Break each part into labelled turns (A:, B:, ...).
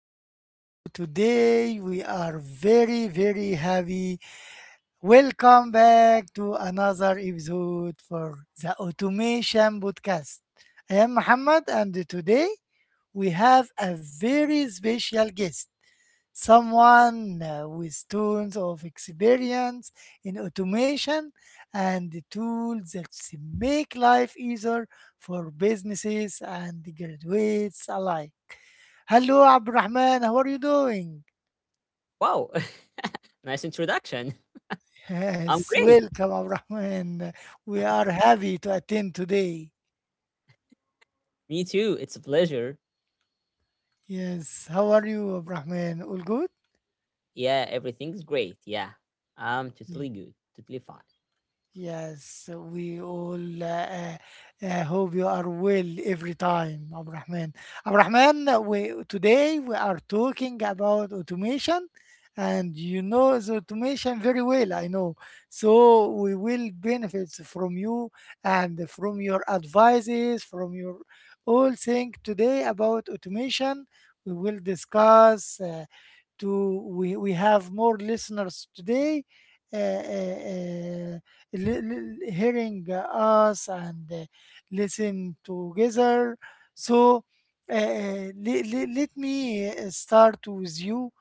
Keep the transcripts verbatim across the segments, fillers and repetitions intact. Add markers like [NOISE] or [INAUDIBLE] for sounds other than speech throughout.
A: how are you today? We are very, very happy. Welcome back to another episode for the Automation Podcast. I am Muhammad, and today we have a very special guest, someone uh, with tons of experience in automation and the tools that s- make life easier for businesses and graduates alike. Hello, Abdurrahman. How are you doing? [LAUGHS]
B: Wow, [LAUGHS] nice introduction. I'm
A: Yes,
B: great.
A: welcome, Abdurrahman. We are happy to attend today.
B: Me too. It's a pleasure.
A: Yes, how are you, Abdurrahman? All good?
B: Yeah, everything's great. Yeah, I'm
A: Yeah.
B: totally good, totally fine.
A: Yes, we all uh, uh, hope you are well every time, Abrahman. Abrahman, we today we are talking about automation, and you know the automation very well, I know. So we will benefit from you and from your advices, from your all thing today about automation. We will discuss. Uh, to we, we have more listeners today uh, uh, uh, li- li- hearing uh, us and uh, listen together. So uh, uh, le- le- let me uh, start with you.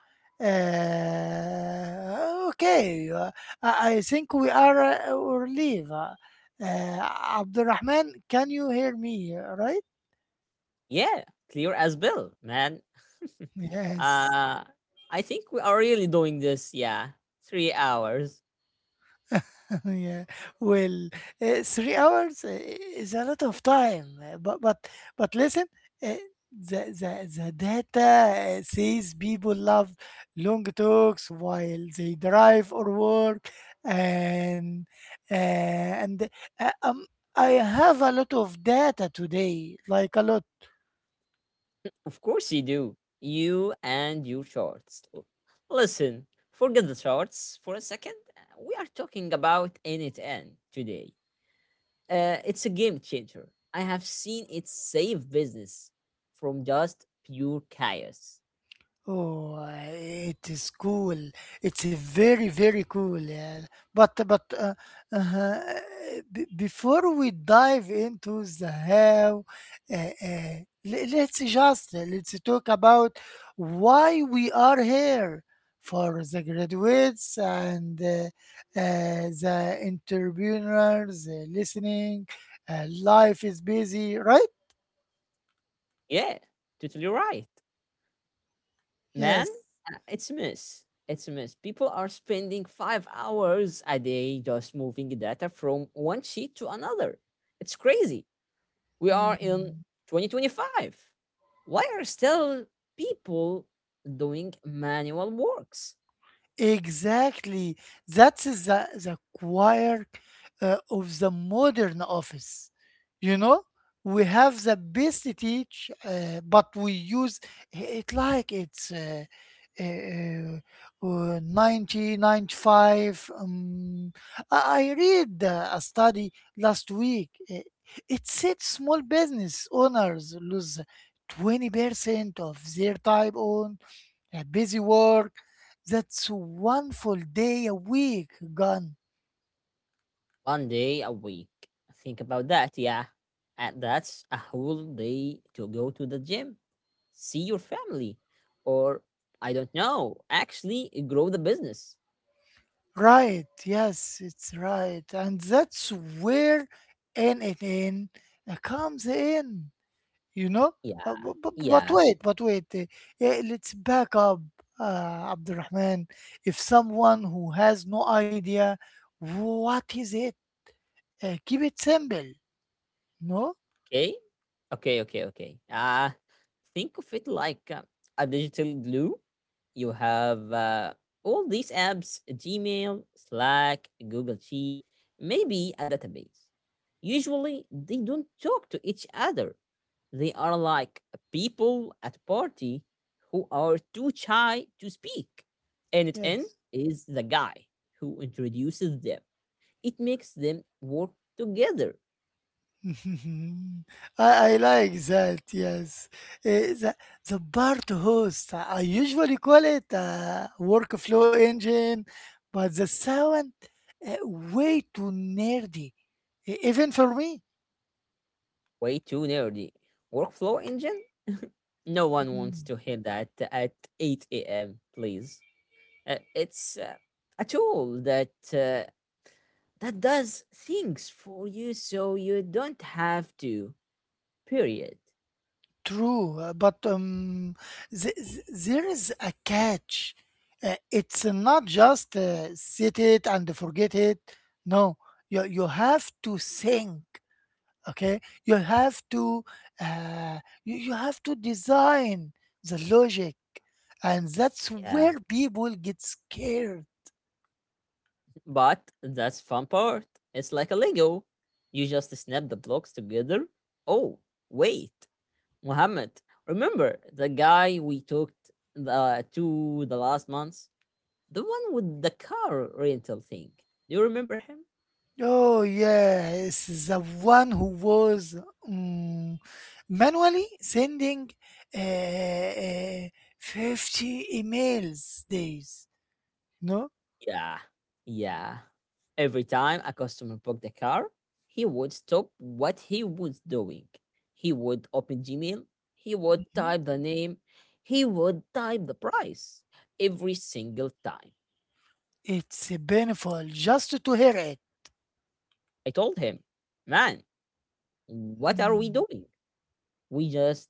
A: Uh, okay, uh, I I think we are uh, or leave. Uh, uh, Abdurrahman, can you hear me, right?
B: Yeah, clear as bell, man. [LAUGHS]
A: [LAUGHS] Yes.
B: uh, I think we are really doing this. Yeah, three hours.
A: [LAUGHS] Yeah. Well, uh, three hours uh, is a lot of time, uh, but but but listen, uh, the the the data uh, says people love long talks while they drive or work, and uh, and uh, um, I have a lot of data today, like a lot.
B: Of course you do. You and your shorts. L- Listen, forget the shorts for a second. We are talking about N T N today. Uh, it's a game changer. I have seen it save business from just pure chaos.
A: Oh, uh, it is cool. It's very, very cool, yeah. But but uh, uh, b- before we dive into the how, uh, uh, le- let's just let's talk about why we are here for the graduates and uh, uh, the entrepreneurs uh, listening. Uh, life is busy, right?
B: Yeah, totally right. Man,
A: Yes.
B: Uh, it's a mess. It's a mess. People are spending five hours a day just moving data from one sheet to another. It's crazy. We are in
A: Hmm.
B: twenty twenty-five. Why are still people doing manual works?
A: Exactly. That's the, the choir uh, of the modern office. You know, we have the best teach, uh, but we use it like it's uh, uh, uh, ninety, ninety-five. Um, I I read uh, a study last week. uh, It said small business owners lose twenty percent of their time on uh, busy work. That's one full day a week gone.
B: One day a week. Think about that, yeah. And that's a whole day to go to the gym, see your family, or I don't know, actually grow the business.
A: Right, yes, it's right. And that's where N N N uh, comes in, you know?
B: Yeah,
A: But, but, but but
B: yeah.
A: wait, but wait. Uh, eh, let's back up, uh, Abdurrahman. If someone who has no idea, what is it? Uh, keep it simple, no?
B: Okay. Okay, okay, okay. Uh, think of it like uh, a digital glue. You have uh, all these apps Gmail, Slack, Google Sheet, maybe a database. Usually they don't talk to each other. They are like people at party who are too shy to speak. And it N
A: Yes.
B: is the guy who introduces them. It makes them work together.
A: [LAUGHS] Mhm. I, I like that, yes. Eh, the, the B A R T host, I usually call it a workflow engine, but the sound eh, way too nerdy, e- even for me.
B: Way too nerdy. Workflow engine? No one wants
A: Mm.
B: to hear that at eight a m, please. Uh, it's uh, a tool that uh, that does things for you so you don't have to. Period.
A: True, uh, but um, th- th- there is a catch. Uh, it's not just uh, sit it and forget it. No, you you have to think. Okay, you have to uh, you, you have to design the logic, and that's
B: Yeah.
A: where people get scared.
B: But that's fun part. It's like a Lego. You just snap the blocks together. Oh, wait, Muhammad. Remember the guy we talked the, to the last month? The one with the car rental thing. Do you remember him?
A: Oh yes, the one who was, mm, manually sending uh, uh, fifty emails days, no.
B: Yeah, yeah. Every time a customer booked the car, he would stop what he was doing. He would open Gmail, he would
A: Mhm.
B: type the name, he would type the price every single time.
A: It's painful just to hear
B: I told him, man, what are
A: it.
B: we doing? We just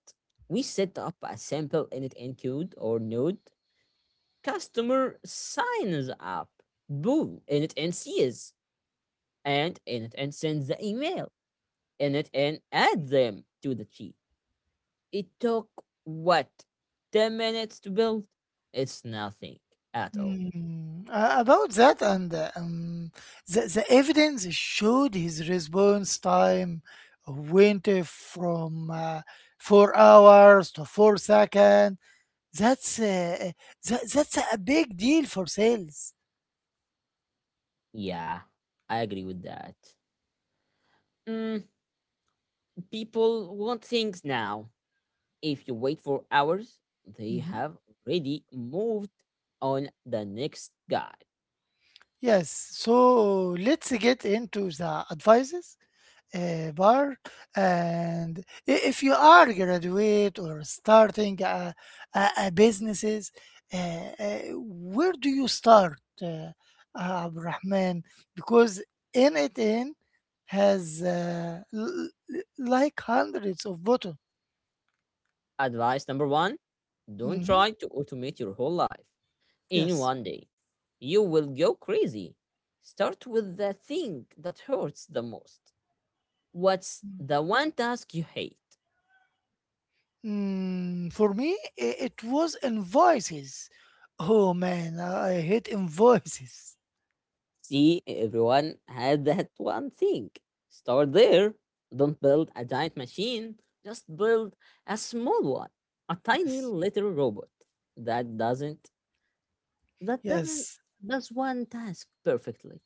B: we set up a sample init encode or node. Customer signs up, boom, init and sees, and init and sends the email in it and add them to the cheat. It took what, ten minutes to build? It's nothing at all.
A: Hmm. Uh, about that and, uh, um, the, the evidence showed his response time went uh, from uh, four hours to four seconds. That's uh, that, that's a big deal for sales.
B: Yeah, I agree with that. Mm, people want things now. If you wait for hours, they
A: Mm-hmm.
B: have already moved on the next guy.
A: Yes, so let's get into the advices uh, bar. And i- if you are graduate or starting a, a, a businesses, uh, uh, where do you start, uh, Abrahman? Because N I T N has uh, l- l- like hundreds of buttons.
B: Advice number one, don't
A: Mhm.
B: try to automate your whole life in
A: Yes.
B: one day. You will go crazy. Start with the thing that hurts the most. What's the one task you hate?
A: Mm, for me, i- it was invoices. Oh man, I I hate invoices.
B: See, everyone had that one thing. Start there. Don't build a giant machine, just build a small one. A tiny
A: Yes,
B: little robot. That doesn't that doesn't
A: yes.
B: does one task perfectly.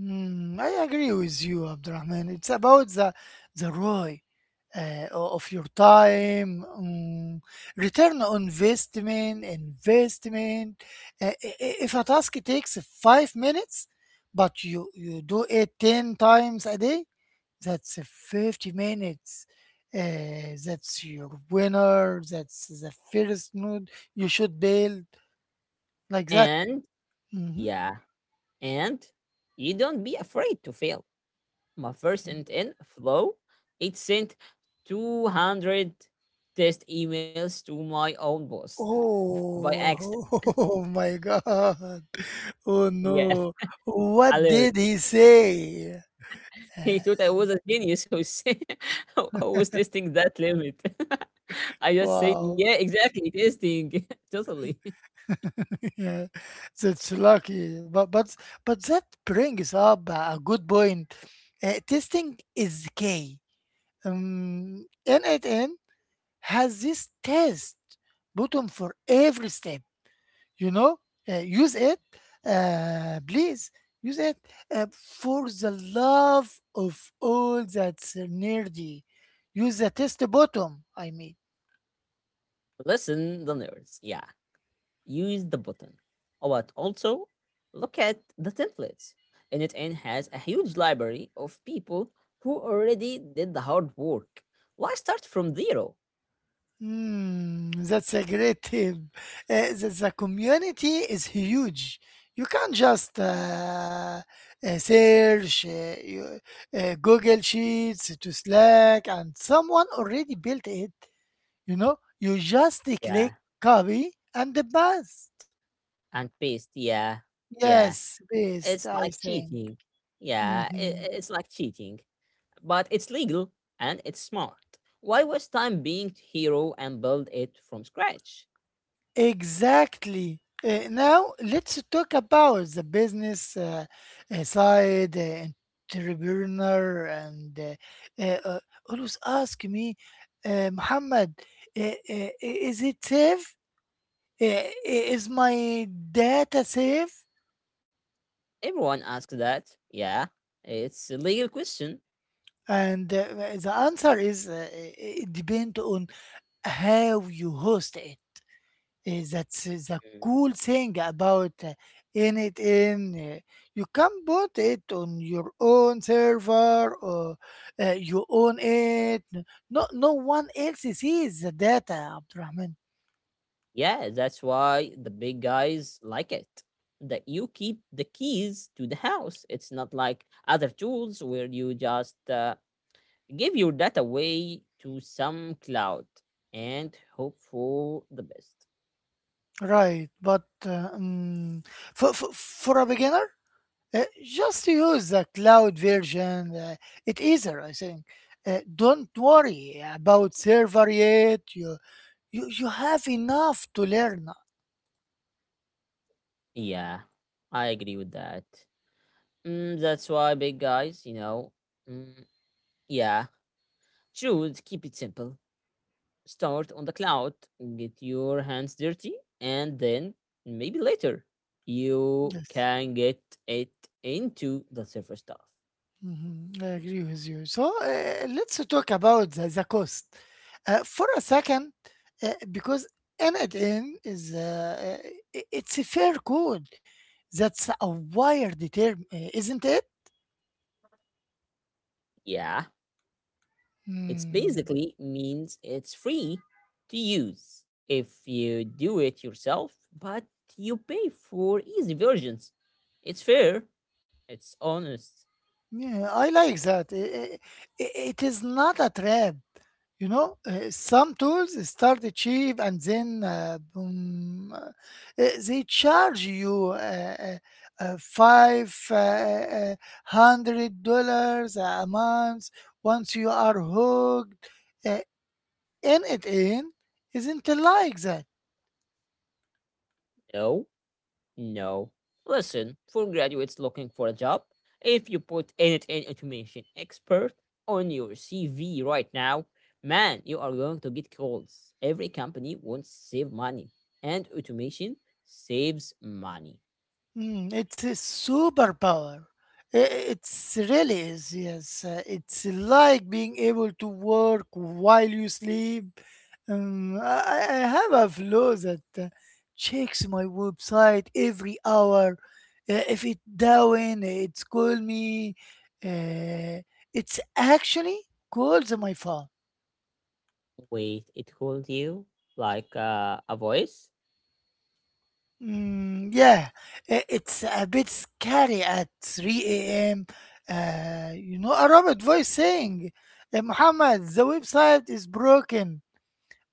A: Mm, I agree with you, Abdurrahman. It's about the the R O I uh, o- of your time, mm, return on investment, investment. Uh, i- i- if a task takes five minutes, but you you do it ten times a day, that's a fifty minutes. Uh, that's your winner. That's the first node you should build like that.
B: And
A: Mhm.
B: yeah, and you don't be afraid to fail. My first and in flow, it sent two hundred test emails to my own boss [LAUGHS] by
A: Oh,
B: accident.
A: [LAUGHS] oh my God. Oh
B: Yes,
A: no.
B: a
A: What
B: lyric.
A: did he say? Uh,
B: He thought I was a genius who say, [LAUGHS] who who was testing that limit. [LAUGHS] I just said, yeah,
A: Wow.
B: exactly, testing. [LAUGHS] totally. [LAUGHS]
A: [LAUGHS] Yeah, that's lucky. But but but that brings up a a good point. Uh, testing is key. Um, in it, In has this test button for every step. You know, Uh, use it, uh, please. Use it uh, for the love of all that's nerdy. Use the test button. I mean,
B: Listen, the nerds. Yeah, use the button. Oh, but also, look at the templates. NetN has a huge library of people who already did the hard work. Why start from zero?
A: hmm, that's a great tip. Uh, the, the community is huge. You can't just uh, uh, search uh, you- uh, Google Sheets to Slack, and someone already built it. You know, you just
B: Yeah,
A: click copy, and the best.
B: and paste. Yeah, yeah.
A: Yes, best,
B: It's
A: I
B: like
A: think.
B: cheating. Yeah, i-
A: Mhm.
B: i- it's like cheating. But it's legal and it's smart. Why waste time being hero and build it from scratch?
A: Exactly. Uh, now let's talk about the business uh, uh, side, uh, entrepreneur, and uh, uh, uh, always ask me, uh, Muhammad, uh, uh, is it safe? Uh, uh, is my data safe?
B: Everyone asks that. Yeah, it's a legal question.
A: And uh, the answer is, uh, it depends on how you host it. Eh, That's eh, the
B: Mm.
A: cool thing about, uh, in it in, uh, you can put it on your own server, or uh, you own it. No, no one else sees the data, Abdurrahman.
B: Yeah, that's why the big guys like it. That you keep the keys to the house. It's not like other tools where you just uh, give your data away to some cloud and hope for the best.
A: Right, but uh, um, for, for for a beginner, uh, just use the cloud version. Uh, it easier, I think. Uh, don't worry about server yet. You You you have enough to learn.
B: Yeah, I agree with that. Mm, that's why big guys, you know. Mm, yeah, should keep it simple. Start on the cloud, get your hands dirty, and then maybe later you
A: Yes.
B: can get it into the server stuff.
A: Mhm, I agree with you. So uh, let's talk about the, the cost uh, for a second, uh, because N I N is uh, uh, i- it's a fair code. That's a wired term, uh, isn't it?
B: Yeah, it's
A: Mm,
B: basically means it's free to use if you do it yourself, but you pay for easy versions. It's fair, it's honest.
A: yeah, I like that. I- I- i- it is not a trap. You know, uh, some tools start cheap and then, uh, boom, uh, uh, they charge you uh, uh, uh, five uh, uh, uh, hundred dollars a month. Once you are hooked, uh, and it in isn't like that.
B: No. No. Listen, for graduates looking for a job, if you put end to automation expert on your C V right now, man, you are going to get calls. Every company wants to save money, and automation saves money.
A: Mm, it's a superpower. I- It's really is, yes. Uh, it's like being able to work while you sleep. Um, I, I I have a flow that uh, checks my website every hour. Uh, if it down, it's call me. Uh, it's actually calls my phone.
B: Wait, it called you like uh, a voice?
A: Mm, yeah, i- it's a bit scary at three a m. Uh, you know, a robot voice saying, "Uh, Muhammad, the website is broken."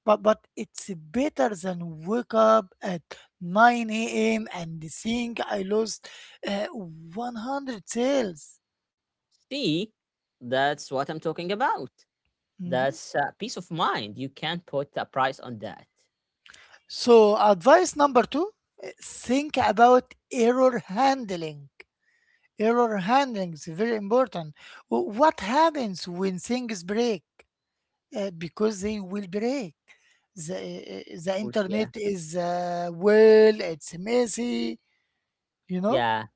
A: But, but it's better than wake up at nine a m and think I lost uh, one hundred sales.
B: See, that's what I'm talking about.
A: Mhm.
B: That's uh, peace of mind. You can't put a price on that.
A: So, advice number two, uh, think about error handling. Error handling is very important. Wh- What happens when things break? Uh, because they will break. The, uh, uh, the
B: Course, yeah.
A: internet is, uh, well, it's messy, you know?
B: Yeah,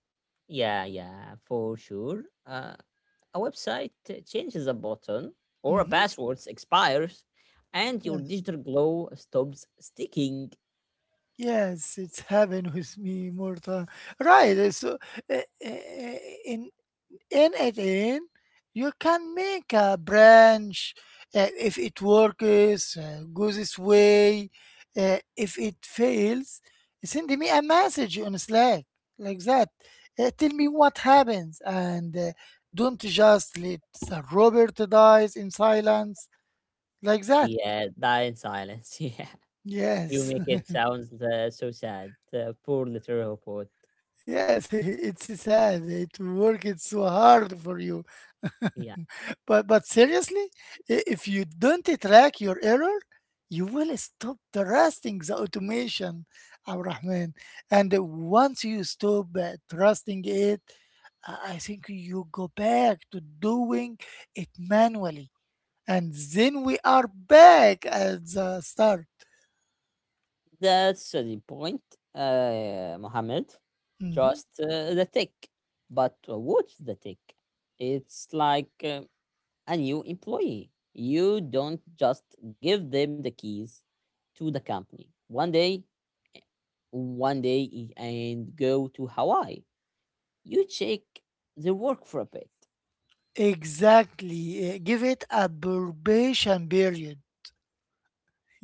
B: yeah, yeah, for sure. Uh, a website uh, changes a button or a
A: Hmm.
B: password expires and your
A: Yes.
B: digital glow stops sticking.
A: Yes, it's happened with me more time. Right. uh, So, uh, uh, uh, in in it in, you can make a branch. Uh, if it works, uh, goes this way. Uh, if it fails, send me a message on Slack, like that. Uh, tell me what happens, and uh, don't just let the robert dies in silence, like that.
B: Yeah, die in silence. [LAUGHS] Yeah, you
A: Yes.
B: make it sound uh, so sad. Uh, poor little robot.
A: Yes, [LAUGHS] it's sad. It worked so hard for you. [LAUGHS]
B: Yeah,
A: But but seriously, i- if you don't track your error, you will stop trusting the automation, Abrahman. And once you stop uh, trusting it, I I think you go back to doing it manually. And then we are back at the start.
B: that's uh, the point, uh, Mohammed.
A: Mhm.
B: Just uh, the tick. But uh, what's the tick? It's like uh, a new employee. You don't just give them the keys to the company one day, one day and go to Hawaii. You check the work for a bit.
A: Exactly. Uh, give it a probation period.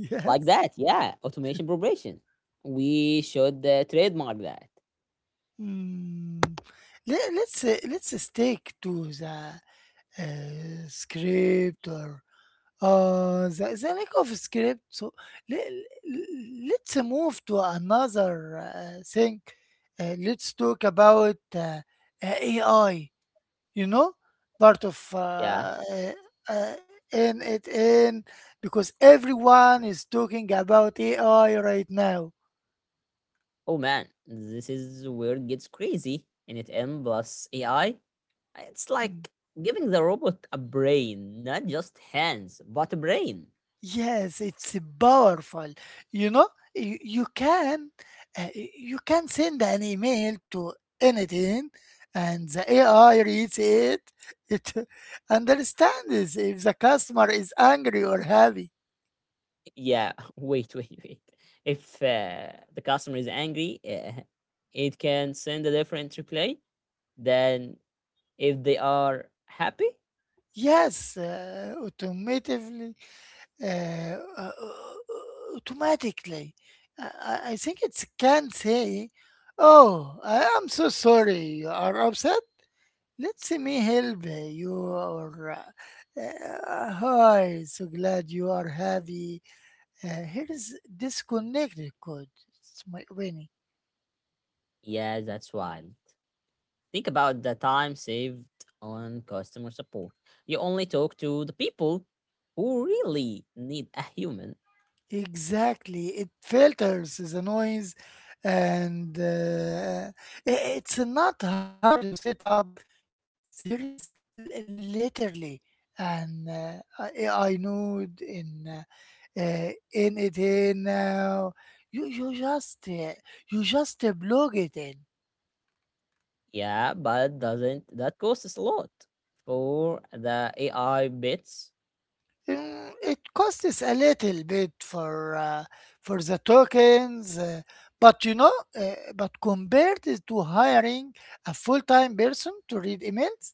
A: [LAUGHS]
B: Like
A: Yes.
B: that, yeah. Automation probation. We
A: Mm,
B: should uh, trademark that.
A: mm. Let, let's uh, let's uh, stick to the uh, script, or uh, the, the lack of script. So let, let's move to another uh, thing. Uh, let's talk about uh, uh, A I. You know, part of
B: Yeah.
A: uh, uh, uh, in it in, because everyone is talking about A I right now.
B: Oh man, this is where it gets crazy. And it N plus A I. It's
A: Hmm.
B: like giving the robot a brain, not just hands, but a brain.
A: Yes, it's powerful. You know, you, you can uh, you can send an email to anything, and the A I reads it. It [LAUGHS] understands if the customer is angry or happy.
B: Yeah, [LAUGHS] wait, wait, wait. If uh, the customer is angry, uh, it can send a different reply than if they are happy.
A: Yes, uh, automatically, uh, uh, uh, automatically. I, I I think it can say, "Oh, I am so sorry. You are upset. Let me help you," or uh, uh, "Hi, so glad you are happy. Uh, here is disconnected code. It's my Winnie."
B: Yeah, that's wild. Think about the time saved on customer support. You only talk to the people who really need a human.
A: Exactly. It filters the noise, and uh, i- it's not hard to set up. There is l- literally an uh, A I node in uh, uh, in it in now. You, you just uh, you just uh, plug it in.
B: Yeah, but doesn't that costs a lot for the A I bits?
A: Mm, it costs a little bit for uh, for the tokens, uh, but you know, uh, but compared to hiring a full-time person to read emails,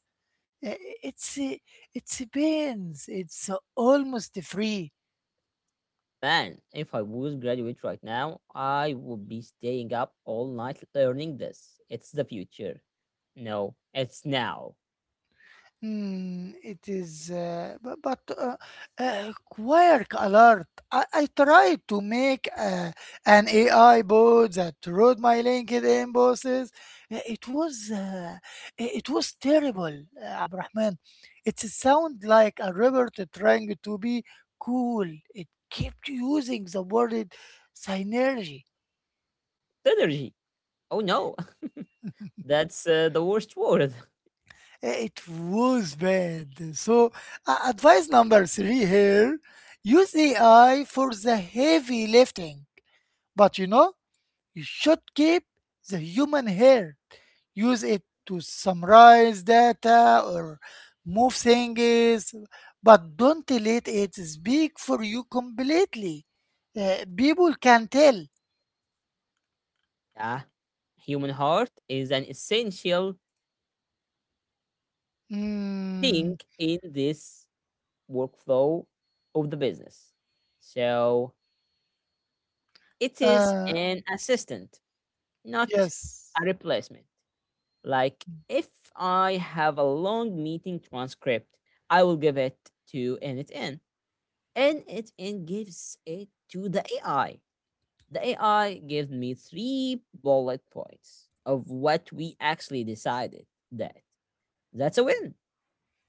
A: uh, it's uh, it's a pains. It's uh, almost free.
B: Man, if I would graduate right now, I would be staying up all night learning this. It's the future. No, it's now.
A: Hmm. It is, uh, bu- but uh, uh, Quark Alert. I, I tried to make uh, an A I bot that wrote my LinkedIn bosses. Uh, It was uh, i- it was terrible, uh, Abrahman. It sound like a robot trying to be cool. It kept using the word synergy.
B: Synergy. Oh no, [LAUGHS] that's uh, the worst word. [LAUGHS]
A: Eh, It was bad. So, uh, advice number three here, use A I for the heavy lifting. But you know, you should keep the human hair. Use it to summarize data or move things, but don't let it speak for you completely. Uh, people can tell.
B: Yeah, human heart is an essential thing
A: Mm,
B: in this workflow of the business. So it is
A: uh,
B: an assistant, not
A: yes.
B: a replacement. Like if I have a long meeting transcript, I will give it to NitN. And NitN gives it to the A I. The A I gives me three bullet points of what we actually decided that that's a win.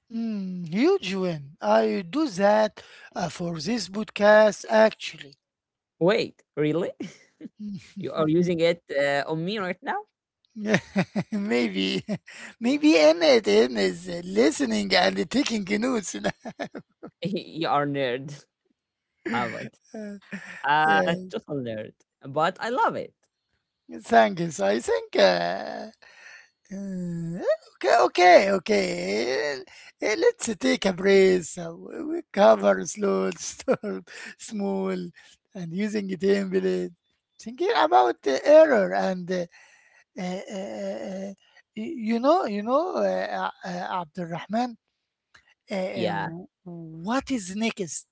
A: Mm, huge win. I do that uh, for this podcast actually.
B: Wait, really? [LAUGHS] You are using it uh, on me right now?
A: [LAUGHS] Maybe, [LAUGHS] maybe Emmett is listening and taking notes. [LAUGHS]
B: [LAUGHS] you are nerd. [LAUGHS] I haven't.
A: Uh,
B: Uh,
A: yeah,
B: total nerd. But I love it.
A: Thank thanks. I think. Uh, uh, okay, okay, okay. Eh, Let's take a breath. So We we cover slow, [LAUGHS] storm, small, and using template. Thinking about the error and uh, uh, uh, uh, uh, you know, you know, uh, uh, uh, Abdulrahman, uh, uh,
B: Yeah.
A: what is next?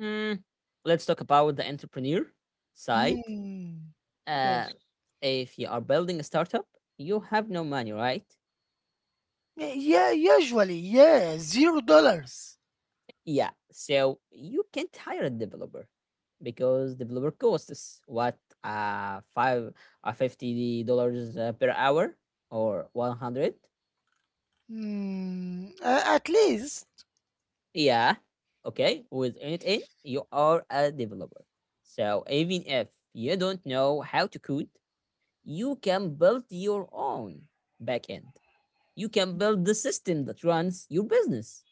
B: Mm, let's talk about the entrepreneur side.
A: Mm,
B: Uh,
A: yes.
B: if you are building a startup, you have no money, right?
A: Eh, Yeah, usually, yeah, zero dollars.
B: Yeah, so you can't hire a developer because developer costs what uh five uh, fifty dollars uh, per hour or one hundred.
A: Mm, uh, at least.
B: Yeah, okay. With Unit you are a developer. So even if you don't know how to code, you can build your own backend you can build the system that runs your business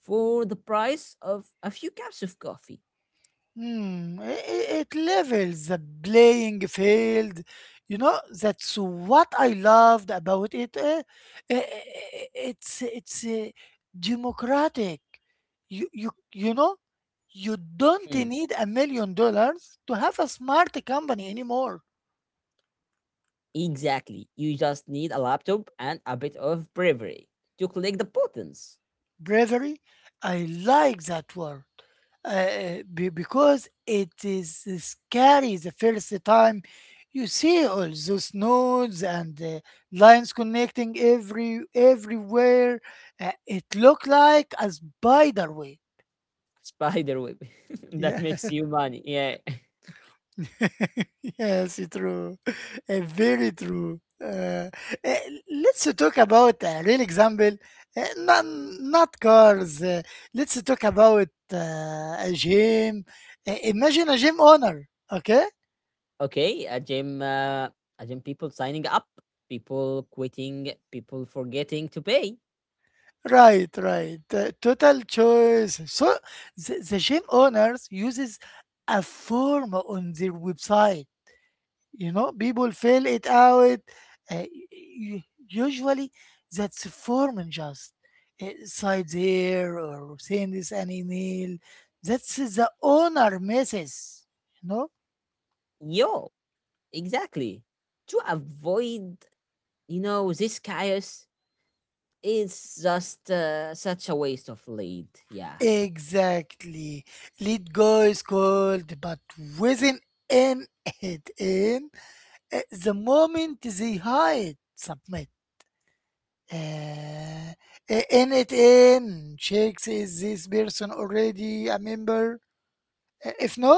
B: for the price of a few cups of coffee.
A: Hmm, i i- it levels the playing field. You know, that's what I loved about it. Eh, eh, eh, eh, It's it's uh, democratic. You you you know, you don't
B: Mm,
A: need a million dollars to have a smart company anymore.
B: exactly. You just need a laptop and a bit of bravery to click the buttons.
A: Bravery, I like that word. uh, be- because it is scary the first time you see all those nodes and uh, lines connecting every everywhere. Uh, it looked like a spider web.
B: Spider web. [LAUGHS] that
A: Yeah.
B: makes you money. Yeah. [LAUGHS]
A: [LAUGHS] Yes, it's true. Uh, very true. Uh, uh, let's talk about a real example. Uh, not, not cars. Uh, let's talk about uh, a gym. Uh, imagine a gym owner. Okay.
B: Okay. A gym, uh, a gym people signing up, people quitting, people forgetting to pay.
A: Right, right. The total choice. So the, the gym owners uses a form on their website. You know, people fill it out. Uh, u- Usually, that's a form and just uh, side there or send this an email. That's the owner misses. You know.
B: Yo, exactly. To avoid, you know, this chaos, it's just uh, such a waste of lead. Yeah.
A: Exactly. Lead goes cold, but within an [LAUGHS] it in. Uh, the moment they hide submit, uh, i- in it in checks is this person already a member. Uh, if no,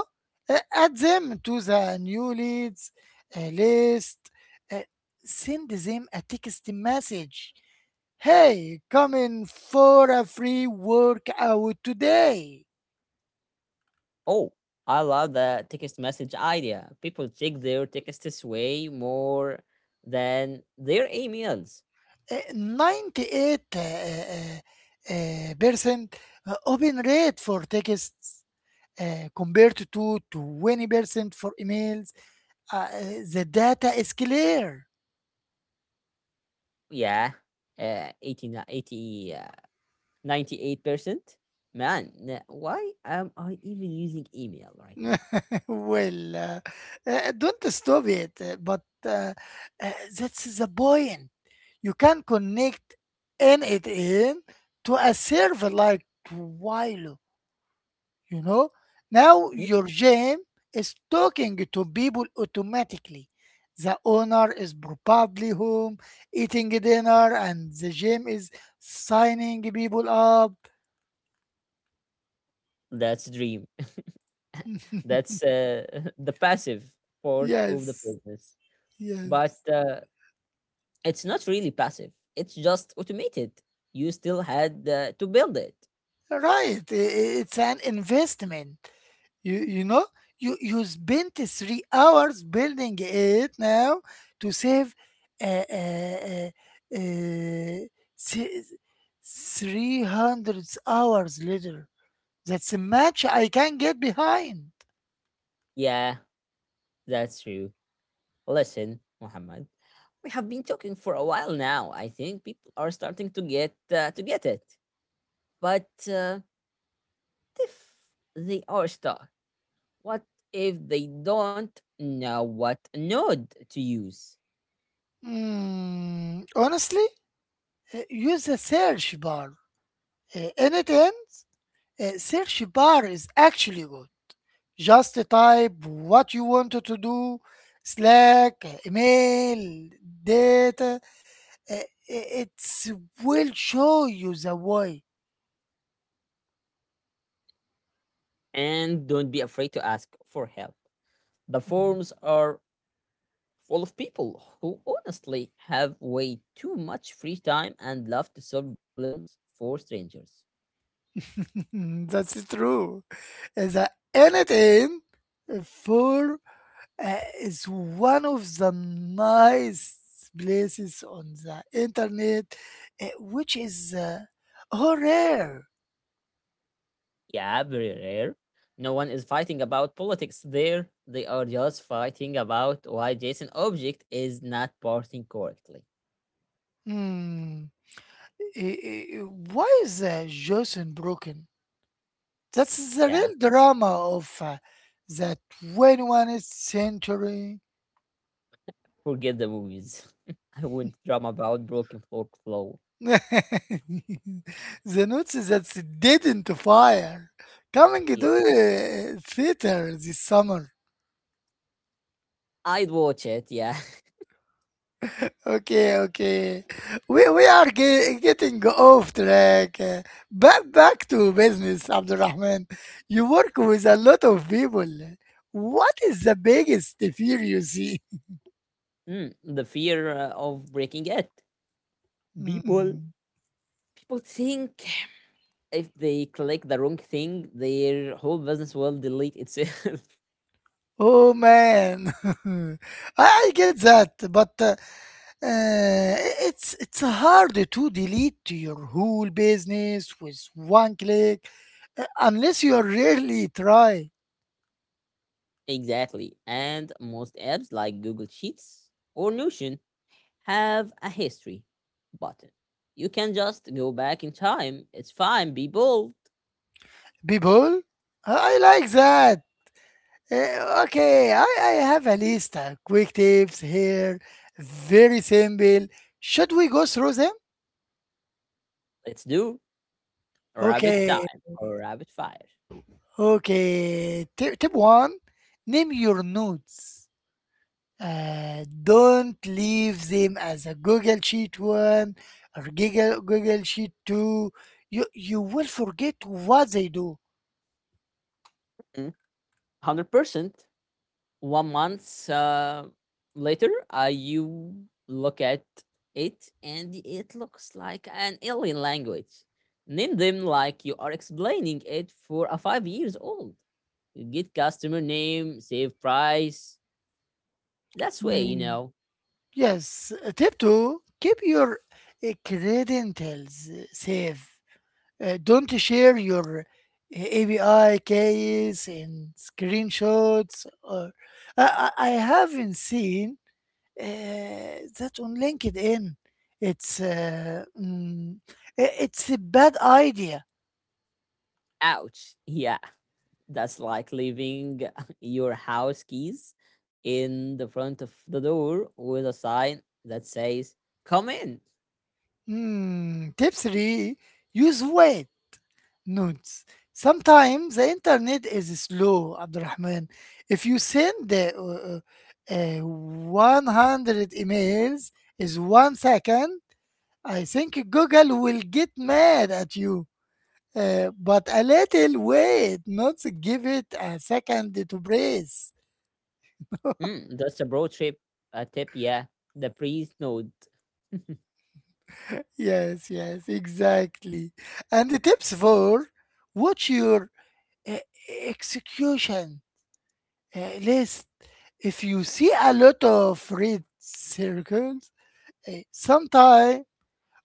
A: uh, add them to the new leads uh, list. Uh, Send them a text message, hey come in for a free workout today.
B: Oh, I love the text message idea. People check their texts way more than their emails.
A: Uh, ninety-eight uh, uh, uh, uh, percent uh, open rate for texts uh, compared to twenty percent for emails, uh, the data is clear.
B: Yeah. Uh, 80, eighty, uh, ninety-eight percent. Man, n- why am I even using email right now?
A: [LAUGHS] Well, uh, uh, don't stop it, uh, but uh, uh, that's the point. You can connect N it in to a server like Twilio, you know now
B: Mm,
A: your gym is talking to people automatically. The owner is probably home eating dinner and the gym is signing people up.
B: that's dream. [LAUGHS]
A: [LAUGHS]
B: That's uh, [LAUGHS] the passive part of the
A: Yes,
B: business. But
A: yes.
B: uh, it's not really passive. It's just automated. You still had uh, to build it.
A: Right. I- i- it's an investment. You you know you you spent three hours building it now to save uh, uh, uh, uh, three hundred hours later. That's a match I can get behind.
B: Yeah, that's true. Listen, Muhammad, we have been talking for a while now. I think people are starting to get uh, to get it. But uh, if they are stuck, what if they don't know what node to use?
A: Mm, honestly, uh, use the search bar. Uh, and it ends. Uh, search bar is actually good. Just type what you wanted to do: Slack, email, data. uh, i- will show you the way.
B: And don't be afraid to ask for help. The forms are full of people who honestly have way too much free time and love to solve problems for strangers.
A: [LAUGHS] That's true. The anything for uh, is one of the nice places on the internet, uh, which is uh, oh, rare.
B: Yeah, very rare. No one is fighting about politics there. They are just fighting about why JSON object is not parsing correctly.
A: Hmm. I- I- Why is uh, Jason broken? That's the
B: Yeah,
A: real drama of uh, the twenty-first century.
B: forget the movies. [LAUGHS] I wouldn't drama about broken workflow.
A: [LAUGHS] The notes that she didn't fire coming to
B: Yeah,
A: the theater this summer.
B: I'd watch it. Yeah. [LAUGHS]
A: Okay, okay. We, we are ge- getting off track. Uh, Back, back to business, Abdurrahman. You work with a lot of people. What is the biggest fear you see? [LAUGHS]
B: Mm, the fear uh, of breaking it. People,
A: Hmm.
B: people think if they click the wrong thing, their whole business will delete itself.
A: Oh man, [LAUGHS] I, I get that, but uh, uh, it's it's hard to delete your whole business with one click, uh, unless you are really try.
B: [LAUGHS] exactly. And most apps like Google Sheets or Notion have a history button. You can just go back in time. It's fine. Be bold.
A: People, I I like that. Uh, okay, I, I have a list of quick tips here. Very simple. Should we go through them?
B: Let's do rabbit
A: Okay,
B: time or rabbit fire.
A: okay. Tip, tip one: name your nodes. Uh, don't leave them as a Google Sheet one or Google, Google Sheet two. You, you will forget what they do.
B: Mm, one Hundred percent. One month uh, later, uh, you look at it and it looks like an alien language. Name them like you are explaining it for a five years old. You get customer name, save price. That's way, you
A: Mm,
B: know.
A: yes. Uh, Tip two: keep your uh, credentials uh, safe. Uh, don't share your uh, A P I keys and screenshots. Or I, I I haven't seen Uh, that on LinkedIn. It's uh, mm, i- it's a bad idea.
B: Ouch. [LAUGHS] Yeah, that's like leaving [LAUGHS] your house keys in the front of the door with a sign that says, Come in.
A: Mm, tip three: use wait notes. Sometimes the internet is slow, Abdurrahman. If you send uh, uh, uh, one hundred emails is one second, I think Google will get mad at you. Uh, but a little wait, not give it a second to breathe.
B: Mm, that's a broad trip uh, tip, yeah. The priest note,
A: Yes, yes, exactly. And the tips for watch your uh, execution uh, list. If you see a lot of red circles, uh, sometime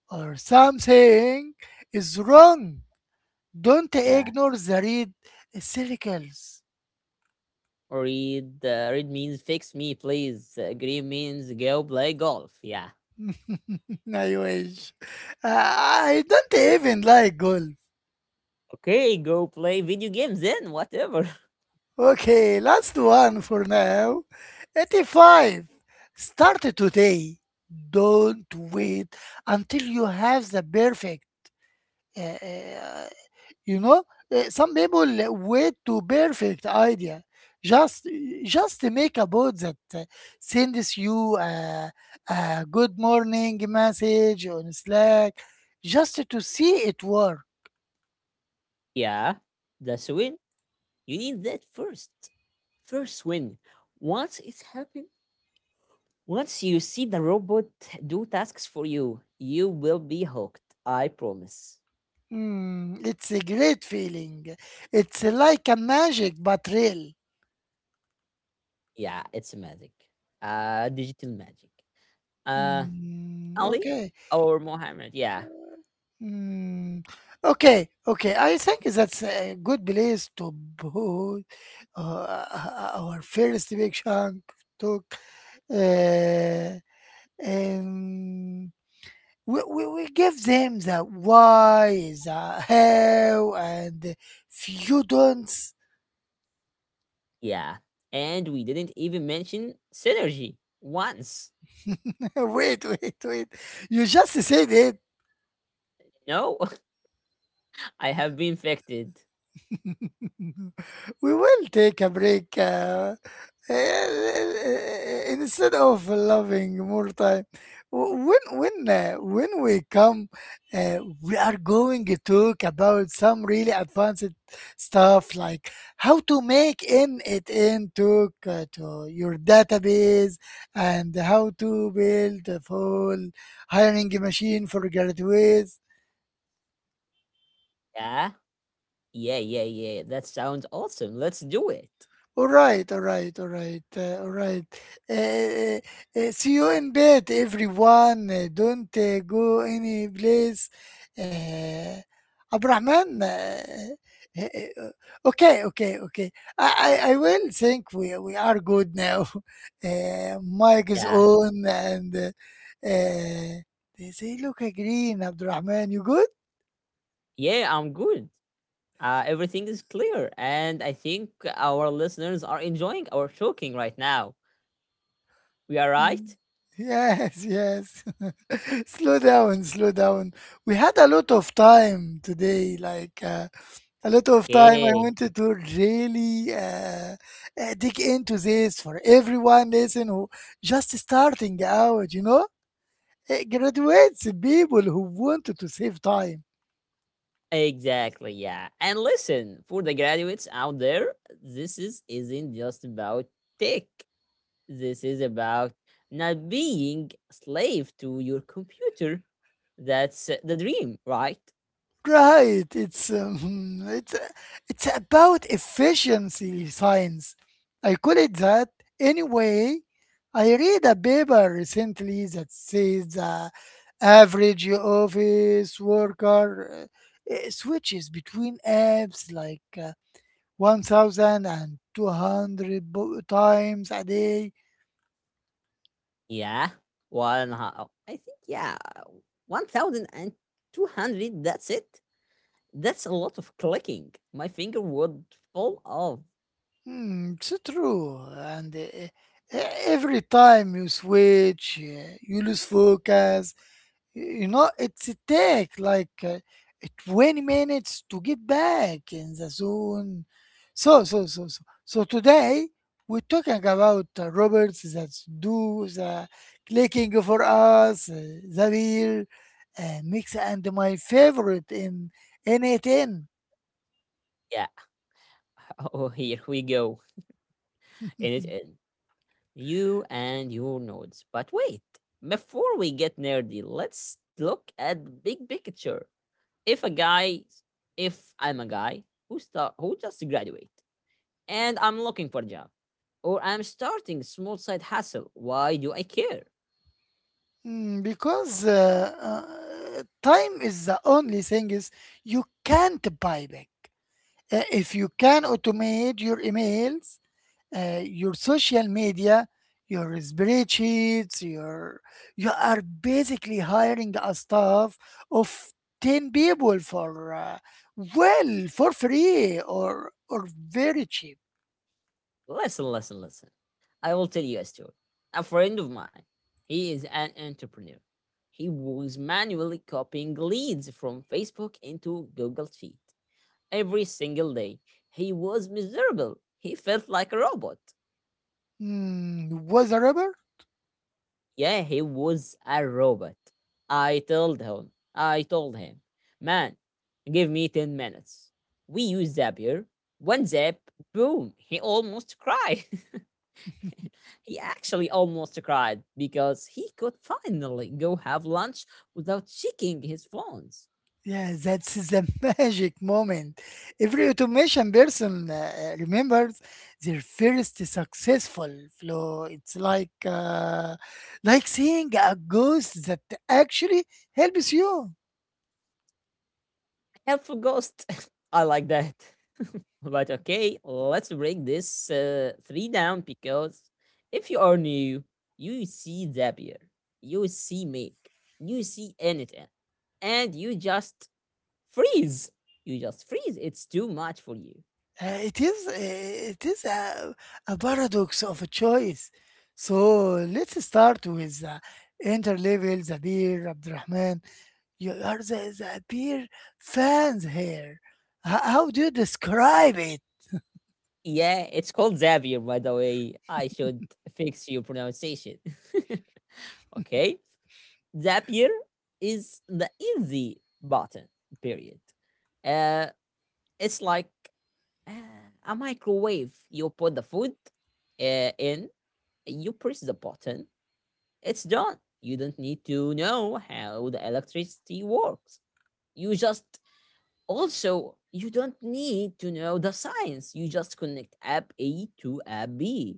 A: or something is wrong. Don't
B: yeah.
A: ignore the red eh, circles.
B: Read uh, red means fix me, please. Uh, green means go play golf, yeah.
A: [LAUGHS] I wish. I I don't even like golf.
B: Okay, go play video games then, whatever.
A: Okay, last one for now. eighty-five. Start today. Don't wait until you have the perfect. uh, uh, you know, Uh, some people wait to perfect idea. Just, just make a bot that uh, sends you a, a good morning message on Slack, just to see it work.
B: [LAUGHS] Yeah, that's a win. You need that first. First win. Once it's happened, once you see the robot do tasks for you, you will be hooked. I promise.
A: Mm, it's a great feeling. It's like a magic, but real.
B: Yeah, it's magic. Uh, digital magic. Uh,
A: Mm,
B: Ali
A: okay.
B: or Mohammed. Yeah,
A: Mm, okay. Okay. I think that's a good place to put uh, uh, our first big chunk talk. Uh, um, we, we, we give them the why, the how, and if you don't.
B: yeah. And we didn't even mention synergy once.
A: [LAUGHS] Wait, wait, wait. You just said it.
B: No, [LAUGHS] I have been infected.
A: [LAUGHS] We will take a break. Uh, [LAUGHS] instead of loving more time, w- when when uh, when we come, uh, we are going to talk about some really advanced stuff like how to make in it in talk uh, to your database and how to build a full hiring machine for graduates.
B: Yeah, yeah, yeah, yeah. That sounds awesome. Let's do it.
A: Alright, alright, alright, uh, alright. Uh, uh, See you in bed, everyone. Uh, don't uh, go any place. Uh, Abrahman. Uh, uh, uh, okay, okay, okay. I, I, I will think we, we are good now. [LAUGHS] Uh, mic is
B: Yeah,
A: on and uh, uh, they say, look, green, Abdurrahman, you good?
B: yeah, I'm good. Uh, everything is clear, and I think our listeners are enjoying our talking right now. We are right?
A: Mm. Yes, yes. [LAUGHS] Slow down, slow down. We had a lot of time today, like uh, a lot of time. I
B: Yeah,
A: wanted to really uh, uh, dig into this for everyone listen who just starting out, you know, Uh, graduates, people who wanted to save time.
B: exactly. Yeah. And listen, for the graduates out there, this is, isn't just about tech. This is about not being a slave to your computer. That's uh, the dream, right?
A: Right. It's um, [LAUGHS] it's it's about efficiency science. I call it that anyway. I read a paper recently that says the average office worker uh, uh, switches between apps like uh, one thousand bo- times a day.
B: Yeah. One, ho- I think, yeah, one thousand two hundred. That's it. That's a lot of clicking. My finger would fall off.
A: Hmm, it's true. And uh, uh, every time you switch, uh, you lose focus You know, It's take like uh, twenty minutes to get back in the zone. So, so, so, so, so today we're talking about uh, robots that do the clicking for us, uh, the beer, uh, mix, and my favorite in N eight N.
B: Yeah. [LAUGHS] Oh, here we go. In it,
A: [LAUGHS]
B: in. You and your nodes. But wait, before we get nerdy, let's look at the big picture. if a guy, if I'm a guy who start who just graduate and I'm looking for a job, or I'm starting small side hustle, why do I care?
A: Mm, because uh, uh, time is the only thing is you can't buy back. Uh, If you can automate your emails, uh, your social media, your spreadsheets, your you are basically hiring a staff of ten people for uh, well, for free or or very cheap.
B: Listen, listen, listen. I will tell you a story. A friend of mine, he is an entrepreneur. He was manually copying leads from Facebook into Google Sheet every single day. He was miserable. He felt like a robot.
A: Hmm, was a rubber?
B: Yeah, he was a robot. I told him. I told him, man, give me ten minutes. We use Zapier. One zap, boom, he almost cried. [LAUGHS] He actually almost cried because he could finally go have lunch without checking his phones.
A: Yeah, that's the [LAUGHS] magic moment. Every automation person uh, remembers their first successful flow. It's like uh, like seeing a ghost that actually helps you.
B: Helpful ghost. [LAUGHS] I like that. [LAUGHS] But okay, let's break this uh, three down because if you are new, you see Zapier, you see Make, you see anything, and you just freeze. You just freeze. It's too much for you.
A: Uh, it is uh, it is a, a paradox of a choice. So let's start with the interlevel, the beer, Abdurrahman. You are the, the beer fans here. H- how do you describe it?
B: Yeah, it's called Zapier, by the way. I should fix your pronunciation. [LAUGHS] Okay, Zapier is the easy button. Period. Uh, it's like Uh, a microwave. You put the food uh, in, you press the button, it's done. You don't need to know how the electricity works. You just also you don't need to know the science. You just connect app A to app B.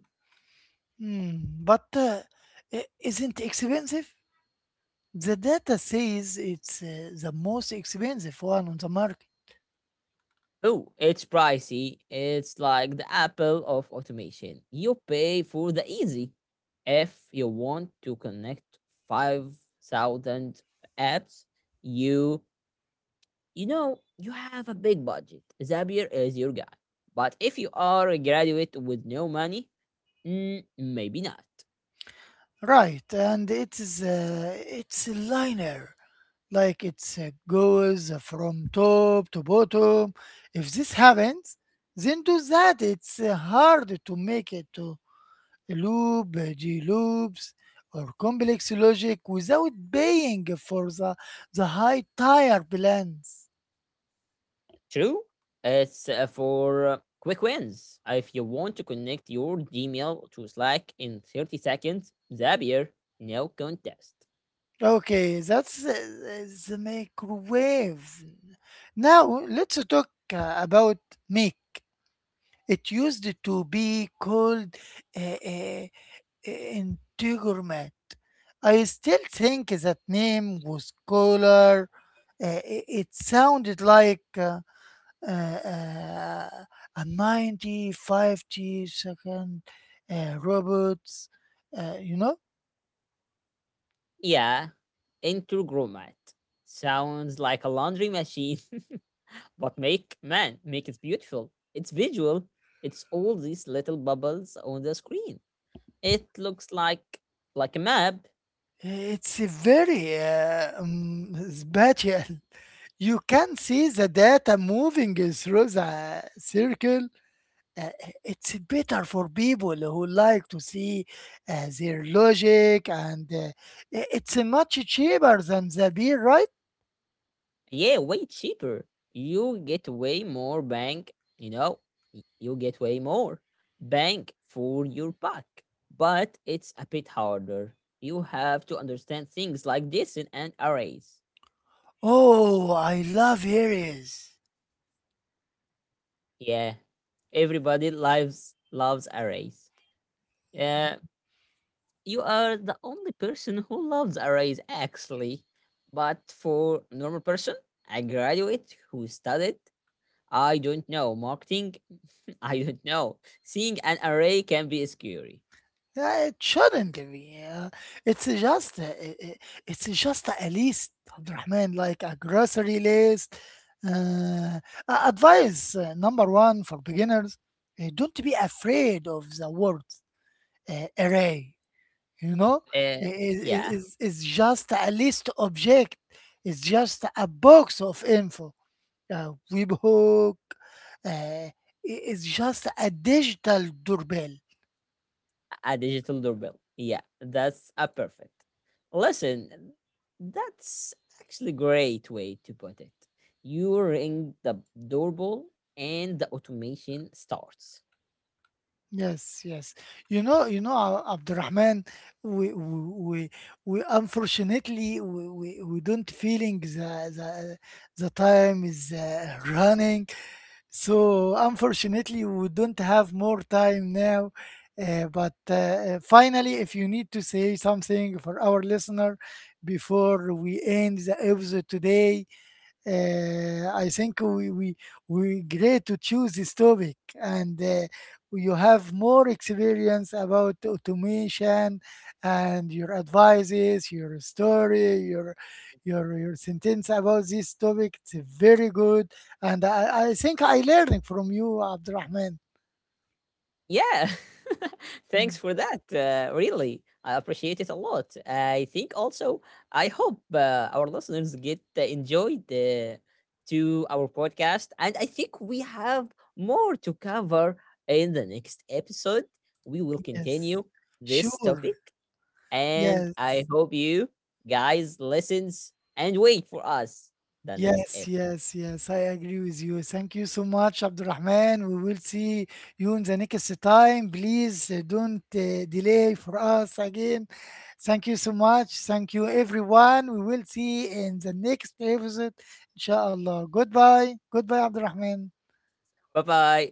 A: Hmm, but uh, i- isn't expensive? The data says it's uh, the most expensive one on the market.
B: Oh, it's pricey. It's like the Apple of automation. You pay for the easy. If you want to connect five thousand apps, you you know, you have a big budget. Zapier is your guy. But if you are a graduate with no money, mm, maybe not.
A: Right, and it is uh, it's linear. Like it uh, goes from top to bottom. If this happens, then do that. It's uh, hard to make it to a loop, uh, G loops, or complex logic without paying for the, the high tire plans.
B: True? It's uh, for uh, quick wins. If you want to connect your Gmail to Slack in thirty seconds, Zapier, no contest.
A: Okay, that's uh, the microwave. Now let's talk uh, about make. It used to be called uh, uh, Integourmet. I still think that name was cooler. Uh, i- it sounded like uh, uh, uh, a ninety, fifty second uh, robots, uh, you know?
B: Yeah, Intergromat. Sounds like a laundry machine, [LAUGHS] but make, man, make it beautiful. It's visual. It's all these little bubbles on the screen. It looks like like a map.
A: It's a very uh, um, [LAUGHS] spatial. You can see the data moving through the circle, uh, it's better for people who like to see uh, their logic and uh, i- it's much cheaper than the beer, right?
B: Yeah, way cheaper. You get way more bank, you know, y- you get way more bank for your buck. But it's a bit harder. You have to understand things like distance and arrays.
A: Oh, I love Harry's.
B: Yeah. Everybody loves loves arrays. Yeah, you are the only person who loves arrays actually. But for normal person, a graduate who studied I don't know. Marketing? [LAUGHS] I don't know. Seeing an array can be scary.
A: Uh, It shouldn't be. uh, It's just uh, i- i- it's just a list, Abdurrahman, like a grocery list. Uh, a- Advice uh, number one for beginners: uh, don't be afraid of the words uh, array. you know
B: Uh,
A: I- i- i-
B: yeah,
A: it's, it's just a list object. It's just a box of info. A webhook, uh, i- it's just a digital doorbell.
B: a digital doorbell. Yeah, that's a perfect. Listen, that's actually great way to put it. You ring the doorbell and the automation starts.
A: Yes, yes. you know you know Ab- abdurrahman, we we we, we unfortunately, we, we, we don't feeling the, the the time is uh, running. So unfortunately, we don't have more time now. Uh, but uh, uh, finally, if you need to say something for our listener before we end the episode today, uh, I think we we we great to choose this topic, and uh, you have more experience about automation and your advices, your story, your your your sentence about this topic. It's very good, and I, I think I learning from you, Abdurrahman.
B: Yeah. [LAUGHS]
A: Mm.
B: Thanks for that. Uh, really, I appreciate it a lot. I think also, I hope uh, our listeners get uh, enjoyed uh, to our podcast, and I think we have more to cover in the next episode. We will
A: Yes,
B: continue this
A: sure.
B: topic, and I
A: Yes,
B: hope you guys listens and wait for us the next
A: yes,
B: episode.
A: yes, yes. I agree with you. Thank you so much, Abdurrahman. We will see you in the next time. Please uh, don't uh, delay for us again. Thank you so much. Thank you, everyone. We will see in the next episode, inshallah. Goodbye. Goodbye, Abdurrahman.
B: Bye bye.